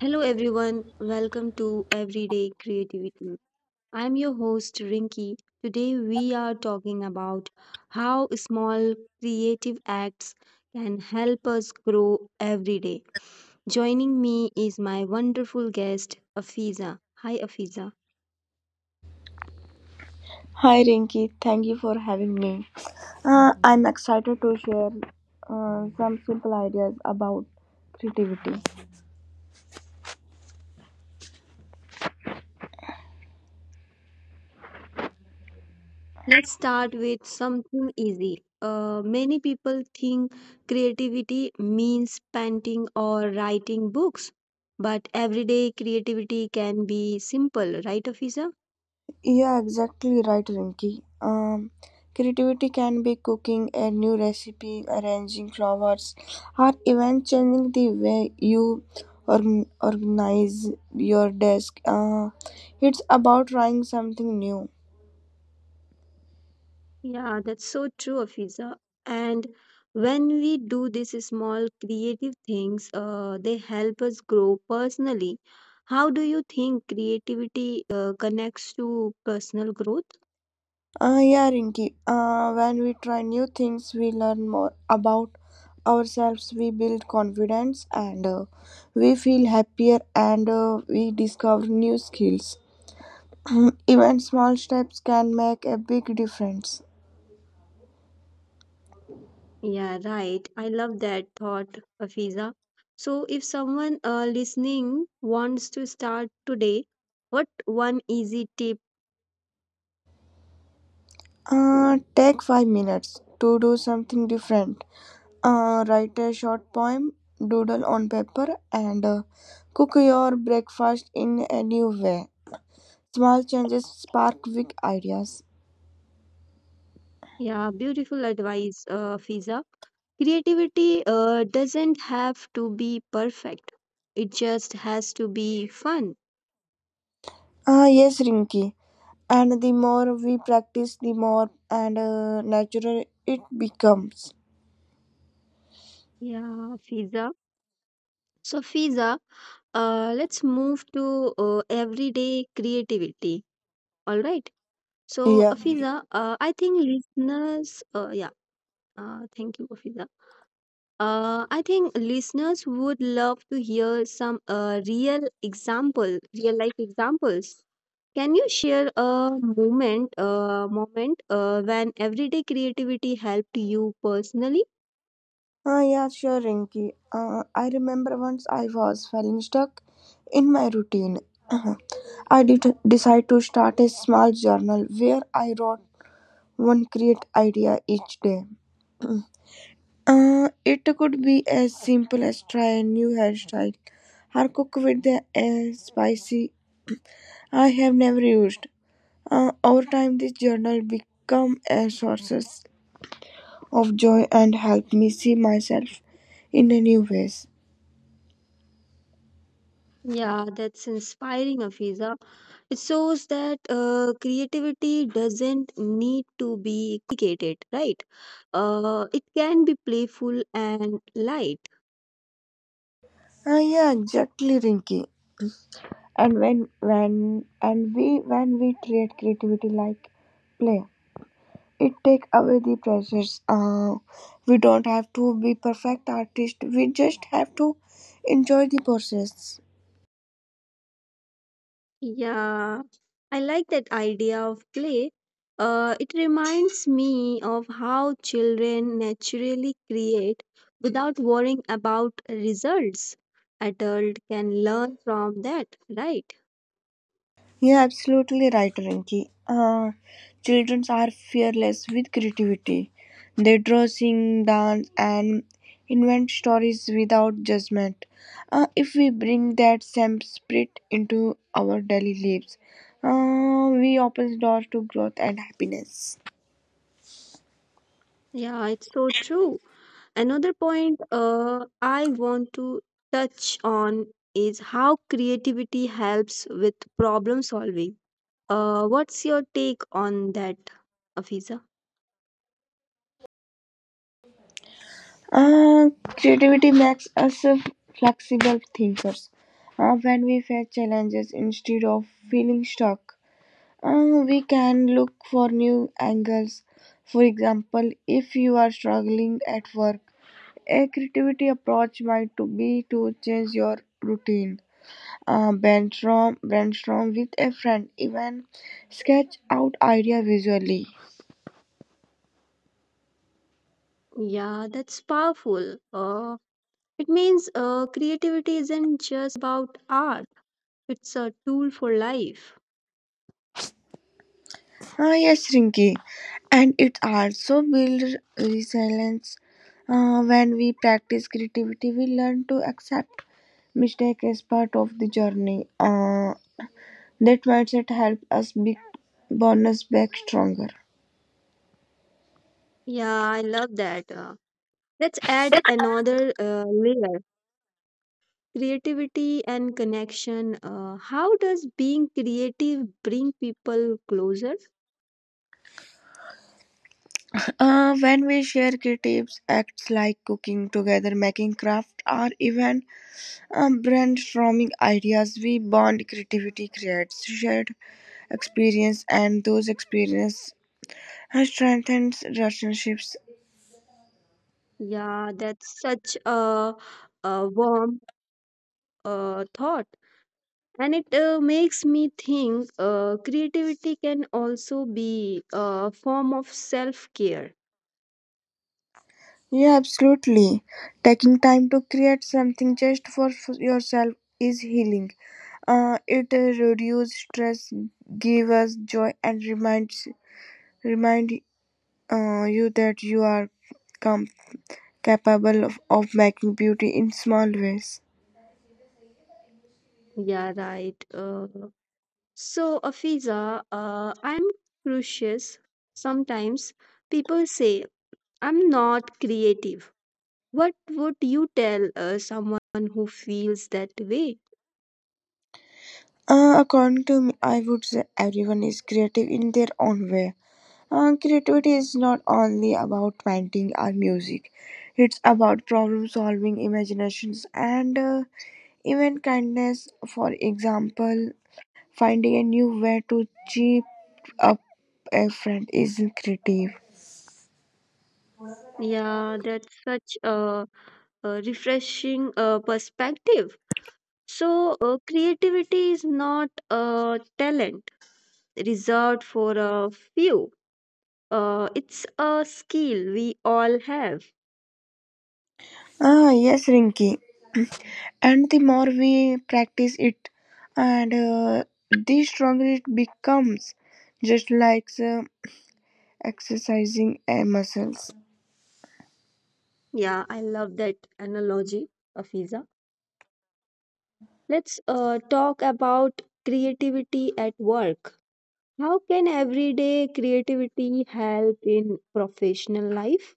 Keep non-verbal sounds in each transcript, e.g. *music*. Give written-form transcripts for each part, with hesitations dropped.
Hello everyone, welcome to Everyday Creativity. I'm your host Rinki. Today we are talking about how small creative acts can help us grow every day. Joining me is my wonderful guest Afiza. Hi Afiza. Hi Rinki, thank you for having me. I'm excited to share some simple ideas about creativity. Let's start with something easy. Many people think creativity means painting or writing books, but everyday creativity can be simple, right, Afisa? Yeah, exactly right, Rinki. Creativity can be cooking a new recipe, arranging flowers, or even changing the way you organize your desk. It's about trying something new. Yeah, that's so true, Afisa. And when we do these small creative things, they help us grow personally. How do you think creativity connects to personal growth? Yeah, Rinki. When we try new things, we learn more about ourselves, we build confidence, and we feel happier, and we discover new skills. *clears throat* Even small steps can make a big difference. Yeah, right. I love that thought, Afiza. So, if someone listening wants to start today, what one easy tip? Take 5 minutes to do something different. Write a short poem, doodle on paper, and cook your breakfast in a new way. Small changes spark big ideas. Yeah, beautiful advice, Afiza. Creativity doesn't have to be perfect. It just has to be fun. Yes, Rinky. And the more we practice, the more and natural it becomes, Yeah, Fiza. So, Fiza, let's move to everyday creativity. All right. So, yeah. Afiza, I think listeners, yeah. Thank you, Fiza. I think listeners would love to hear some real life examples. Can you share a moment when everyday creativity helped you personally? Yeah, sure, Rinky. I remember once I was feeling stuck in my routine. Uh-huh. I did decide to start a small journal where I wrote one great idea each day. It could be as simple as try a new hairstyle or cook with a spicy I have never used. Over time this journal become a sources of joy and help me see myself in a new ways. Yeah, that's inspiring, Afiza. It shows that creativity doesn't need to be complicated, right? It can be playful and light. Yeah, exactly, Rinky. And when we treat creativity like play, it take away the pressures. We don't have to be perfect artist. We just have to enjoy the process. Yeah, I like that idea of play. It reminds me of how children naturally create without worrying about results. Adult can learn from that, right? Yeah, absolutely right, Rinki. Children are fearless with creativity. They draw, sing, dance, and invent stories without judgment. If we bring that same spirit into our daily lives, we open doors to growth and happiness. Yeah, it's so true. Another point I want to touch on is how creativity helps with problem solving. What's your take on that, Afiza? Uh, Creativity makes us flexible thinkers. When we face challenges instead of feeling stuck, we can look for new angles. For example, if you are struggling at work, a creativity approach might to be to change your routine. Brainstorm with a friend, even sketch out idea visually. Yeah, that's powerful. It means creativity isn't just about art, it's a tool for life. Yes, Rinky, and it also builds resilience. When we practice creativity, we learn to accept mistake as part of the journey. That mindset helps us bounce back stronger. Yeah, I love that. Let's add another layer creativity and connection. How does being creative bring people closer? When we share creative acts like cooking together, making craft, or even brainstorming ideas, we bond. Creativity creates shared experience, and those experience strengthens relationships. Yeah, that's such a warm thought. And it makes me think creativity can also be a form of self care. Yeah, absolutely. Taking time to create something just for yourself is healing. It reduces stress, gives us joy, and reminds Remind you that you are com, capable of making beauty in small ways. Yeah, right. So, Afiza, I'm curious. Sometimes people say I'm not creative. What would you tell someone who feels that way? According to me, I would say everyone is creative in their own way. Creativity is not only about painting or music, it's about problem solving, imaginations, and even kindness. For example, finding a new way to cheer up a friend is creative. Yeah, that's such a refreshing perspective. So, creativity is not a talent reserved for a few. It's a skill we all have. Yes, Rinky. And the more we practice it and the stronger it becomes, just like exercising muscles Yeah, I love that analogy, Afiza. Let's talk about creativity at work. How can everyday creativity help in professional life?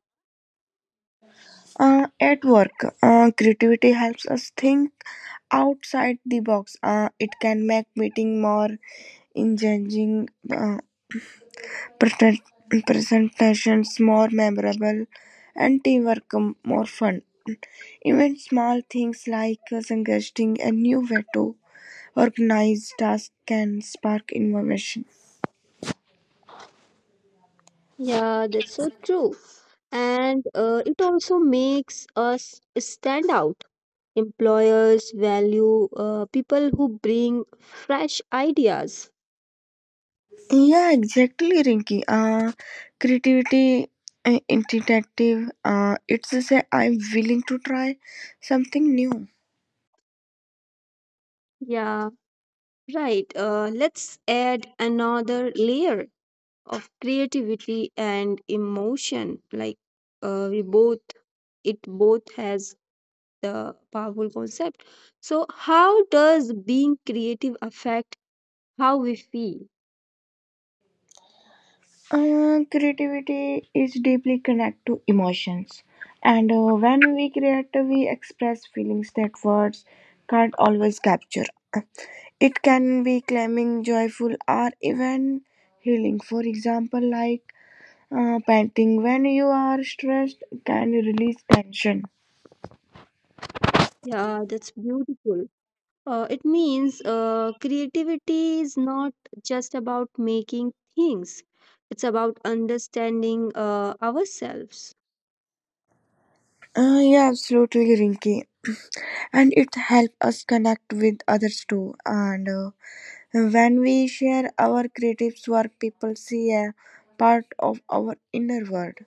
at work. Creativity helps us think outside the box. It can make meeting more engaging, present- presentations more memorable, and teamwork more fun. Even small things like suggesting a new way to organize tasks can spark innovation. Yeah, that's so true. And it also makes us stand out employers value people who bring fresh ideas. Yeah, exactly, Rinky. Creativity, initiative. It's to say I'm willing to try something new. Yeah, right. Let's add another layer of creativity and emotion. Like we both, it both has the powerful concept. So, how does being creative affect how we feel? Creativity is deeply connected to emotions, and when we create, we express feelings that words can't always capture. It can be calming, joyful, or even healing. For example, like painting, when you are stressed, can release tension. Yeah, that's beautiful. It means creativity is not just about making things, it's about understanding ourselves. Yeah, absolutely, Rinky. *clears throat* And it helps us connect with others too. And when we share our creative work, people see a part of our inner world.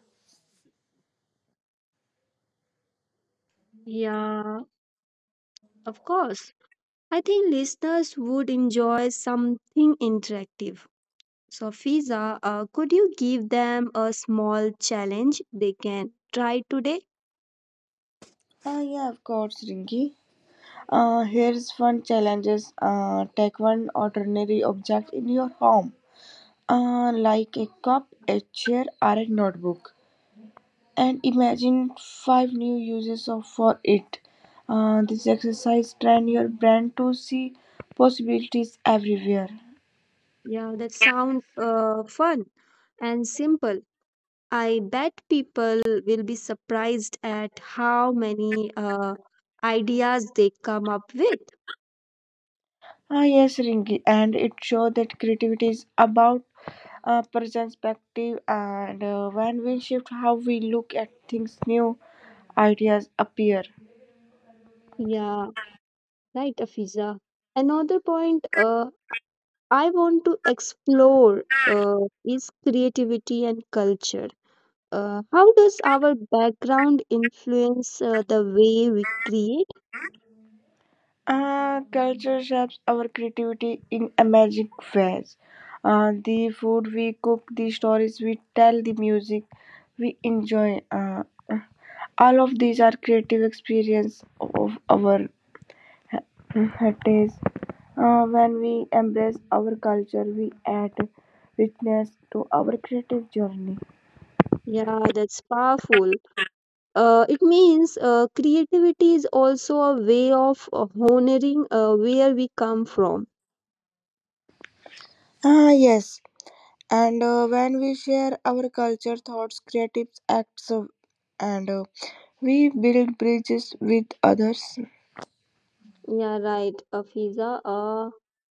Yeah, of course. I think listeners would enjoy something interactive. So, Fiza, could you give them a small challenge they can try today? Yeah, of course, Rinky. Here's one challenges. Take one ordinary object in your home, like a cup, a chair, or a notebook, and imagine five new uses of for it. This exercise train your brain to see possibilities everywhere. Yeah, that sounds fun and simple. I bet people will be surprised at how many ideas they come up with. Yes, Rinky, and it shows that creativity is about perspective. And when we shift how we look at things, new ideas appear. Yeah, right, Afiza. Another point I want to explore is creativity and culture. How does our background influence the way we create? Culture shapes our creativity in amazing ways. The food we cook, the stories we tell, the music we enjoy, all of these are creative experience of our heritage. When we embrace our culture we add richness to our creative journey. Yeah, that's powerful. It means creativity is also a way of honoring where we come from. Yes, and when we share our culture thoughts creative acts of, and we build bridges with others. Yeah, right, Afiza. Uh,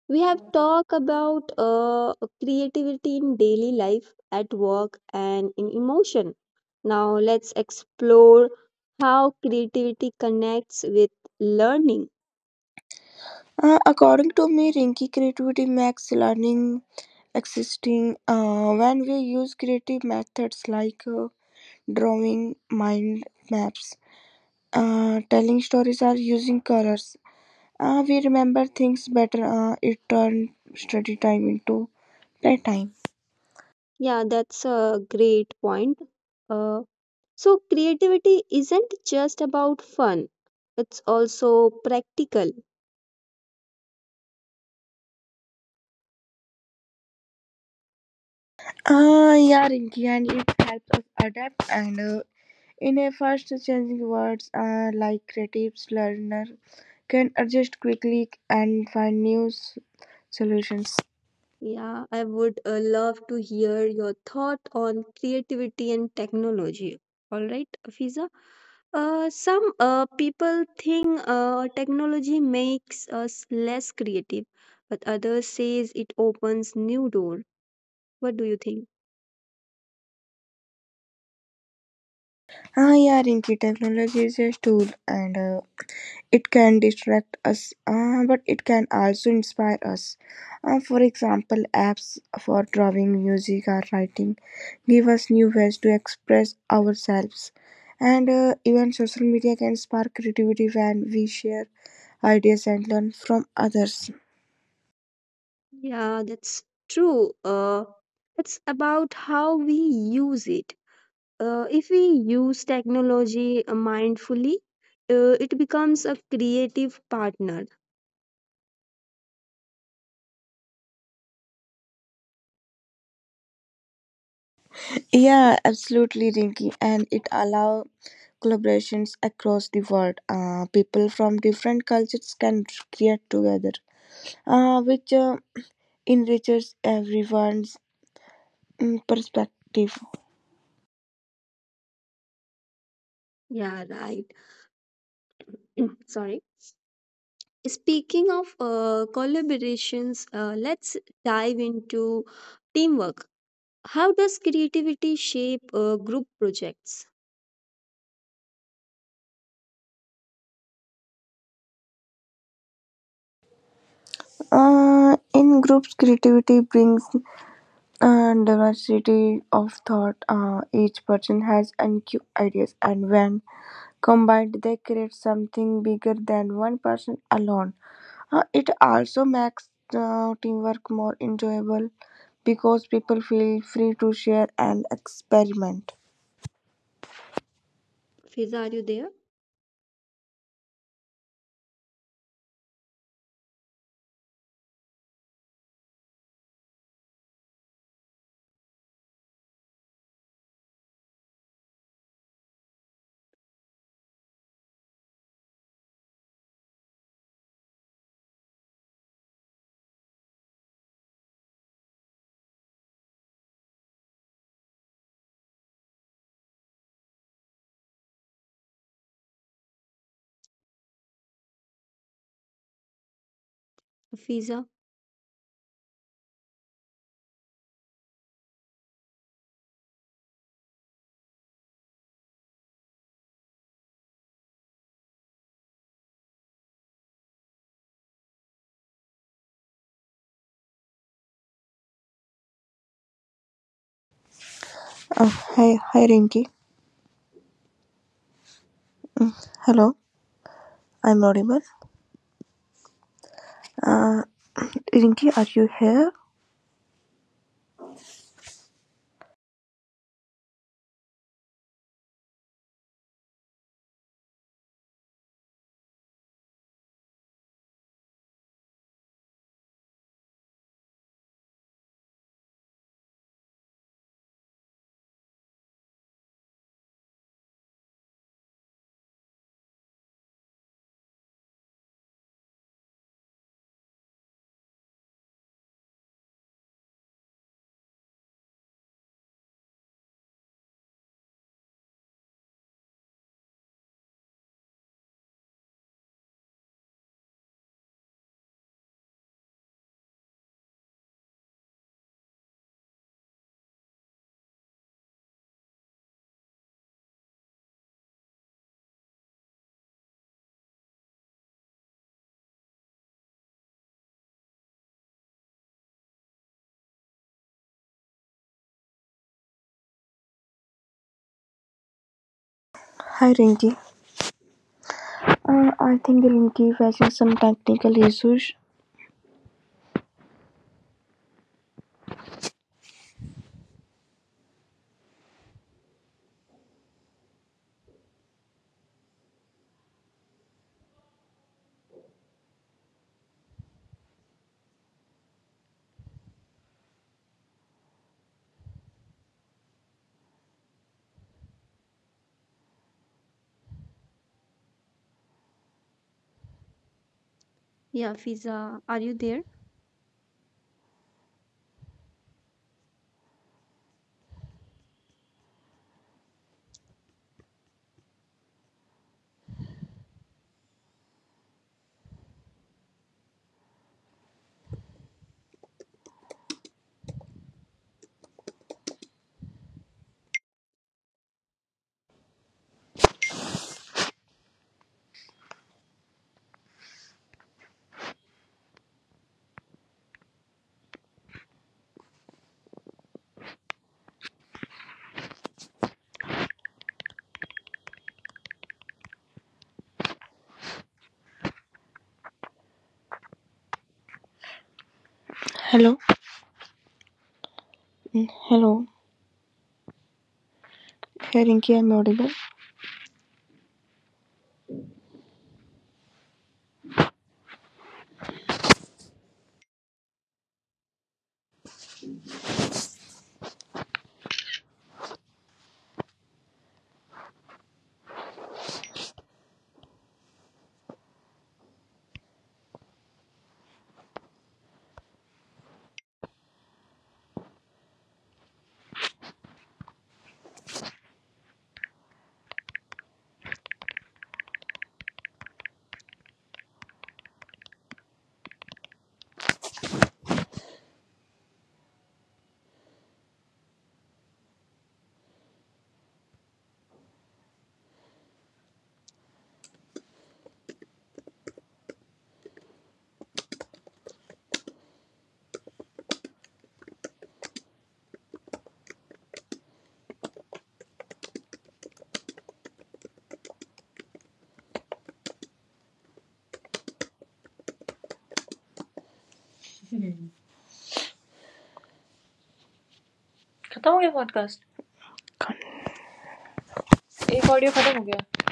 we have talked about creativity in daily life, at work, and in emotion. Now, let's explore how creativity connects with learning. According to me, Rinky, creativity makes learning existing. When we use creative methods like drawing mind maps, telling stories or using colors, we remember things better. It turns study time into playtime. Yeah, that's a great point. Uh, so, creativity isn't just about fun, it's also practical. Yeah, Rinky. And it helps us adapt, and in a fast-changing world like creative learner can adjust quickly and find new solutions. Yeah, I would love to hear your thought on creativity and technology. All right, Fiza. Some people think technology makes us less creative, but others says it opens new door. What do you think? Yeah, Rinki, technology is a tool, and it can distract us, but it can also inspire us. For example, apps for drawing, music, or writing give us new ways to express ourselves. And even social media can spark creativity when we share ideas and learn from others. Yeah, that's true. It's about how we use it. If we use technology mindfully, it becomes a creative partner. Yeah, absolutely, Rinky. And it allows collaborations across the world. People from different cultures can create together, which enriches everyone's perspective. Yeah, right. Sorry. Speaking of collaborations, let's dive into teamwork. How does creativity shape group projects? In groups, creativity brings diversity of thought. Each person has unique ideas, and when combined, they create something bigger than one person alone. It also makes teamwork more enjoyable because people feel free to share and experiment. Fiza, are you there? Fiza? Hi, hi, Rinky. Hello, I'm audible. Uh, Rinky, are you here? Hi, Rinky. I think Rinky facing some technical issues. Yeah, Fiza, are you there? Hello, Mm, hello. Hey, Rinky. I'm audible. खत्म हो गया podcast. एक audio खत्म हो गया.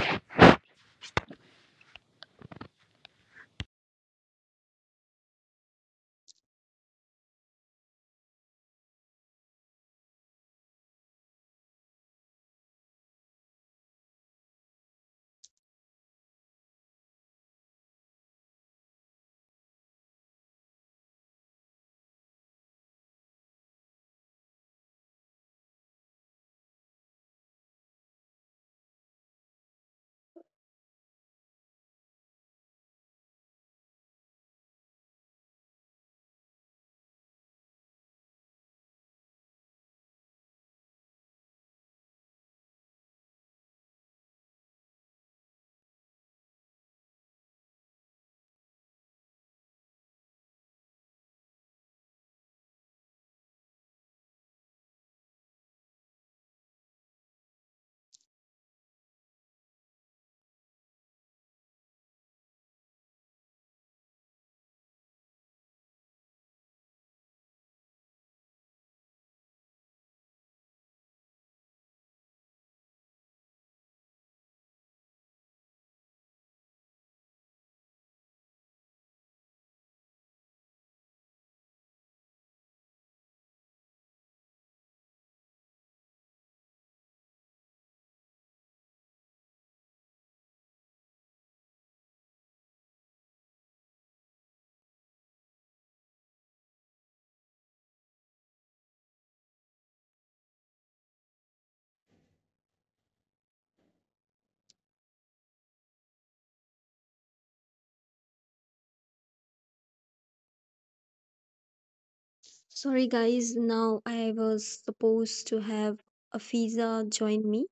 Sorry, guys. Now I was supposed to have a Fiza join me,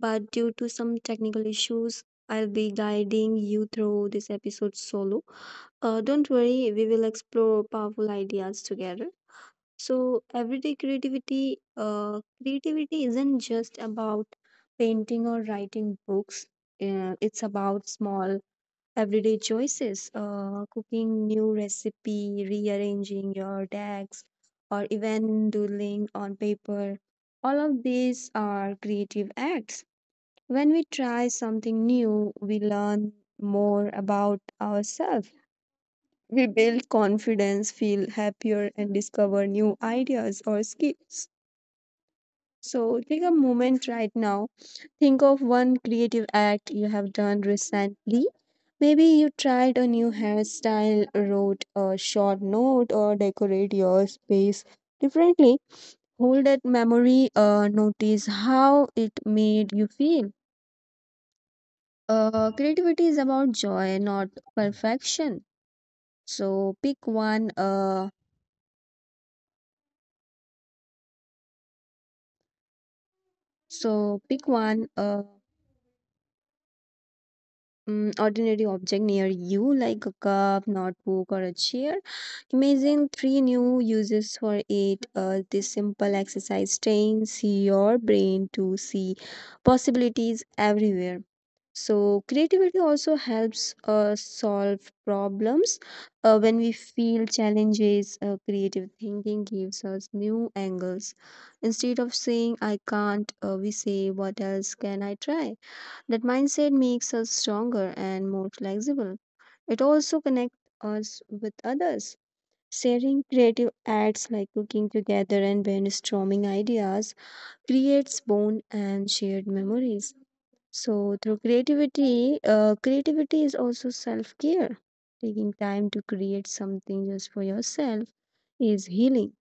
but due to some technical issues, I'll be guiding you through this episode solo. Don't worry, we will explore powerful ideas together. So creativity isn't just about painting or writing books. It's about small everyday choices, cooking new recipe, rearranging your decks, or even doodling on paper. All of these are creative acts. When we try something new, we learn more about ourselves. We build confidence, feel happier, and discover new ideas or skills. So take a moment right now. Think of one creative act you have done recently. Maybe you tried a new hairstyle, wrote a short note, or decorate your space differently. Hold that memory, notice how it made you feel. Creativity is about joy, not perfection. So pick one uh, so pick one Mm, ordinary object near you, like a cup, notebook, or a chair. Imagine three new uses for it. This simple exercise trains your brain to see possibilities everywhere. So, creativity also helps us solve problems. When we feel challenges, creative thinking gives us new angles. Instead of saying, I can't, we say, What else can I try? That mindset makes us stronger and more flexible. It also connects us with others. Sharing creative acts like cooking together and brainstorming ideas creates bond and shared memories. So through creativity is also self-care. Taking time to create something just for yourself is healing.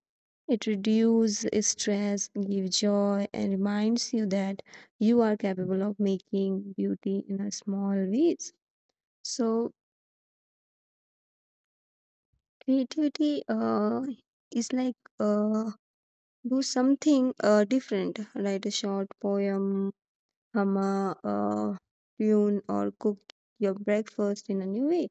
It reduces stress, gives joy, and reminds you that you are capable of making beauty in a small ways. So creativity is like do something different. Write a short poem, hum a tune, or cook your breakfast in a new way.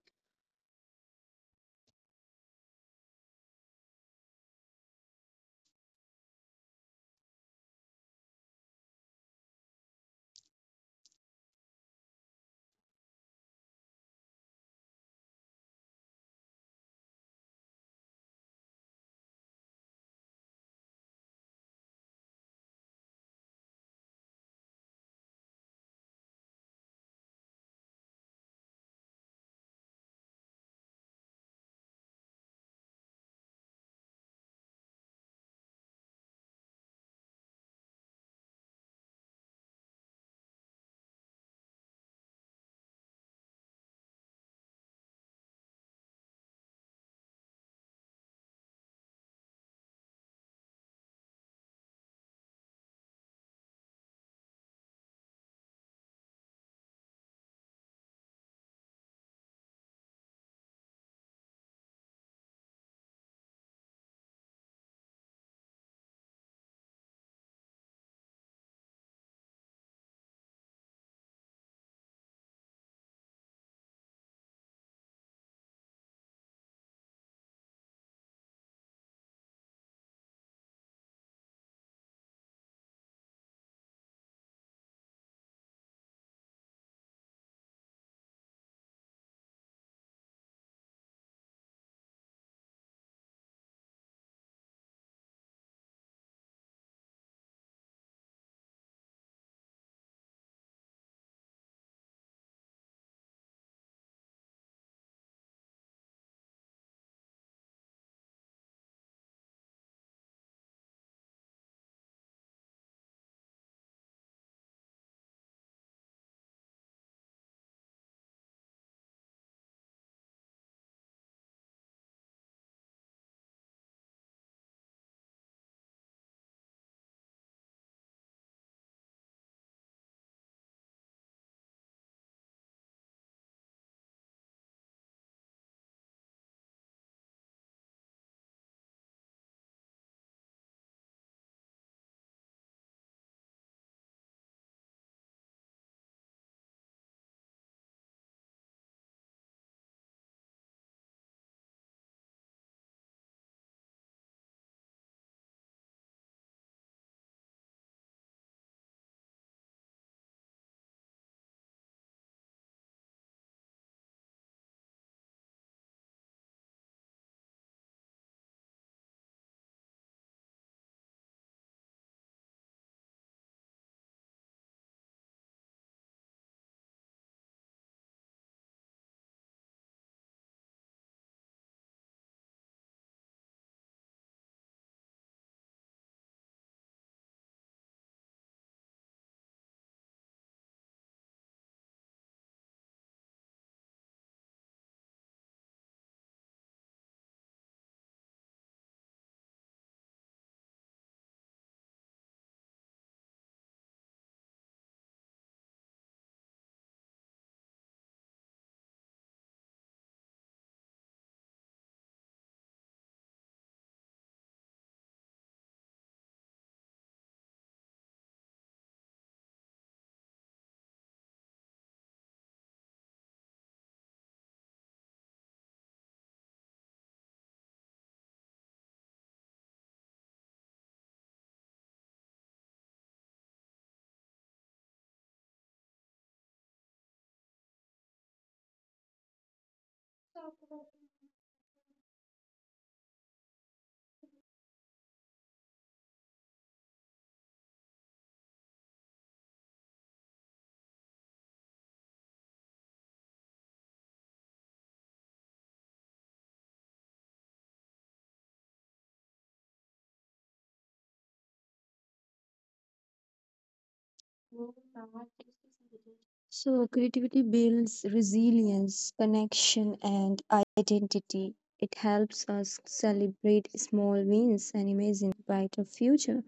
So, creativity builds resilience, connection, and identity. It helps us celebrate small wins and imagine brighter future.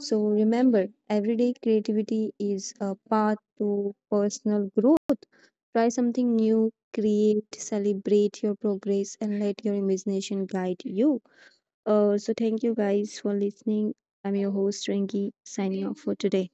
So, remember, everyday creativity is a path to personal growth. Try something new, create, celebrate your progress, and let your imagination guide you. So, thank you guys for listening. I'm your host, Rengi, signing off for today.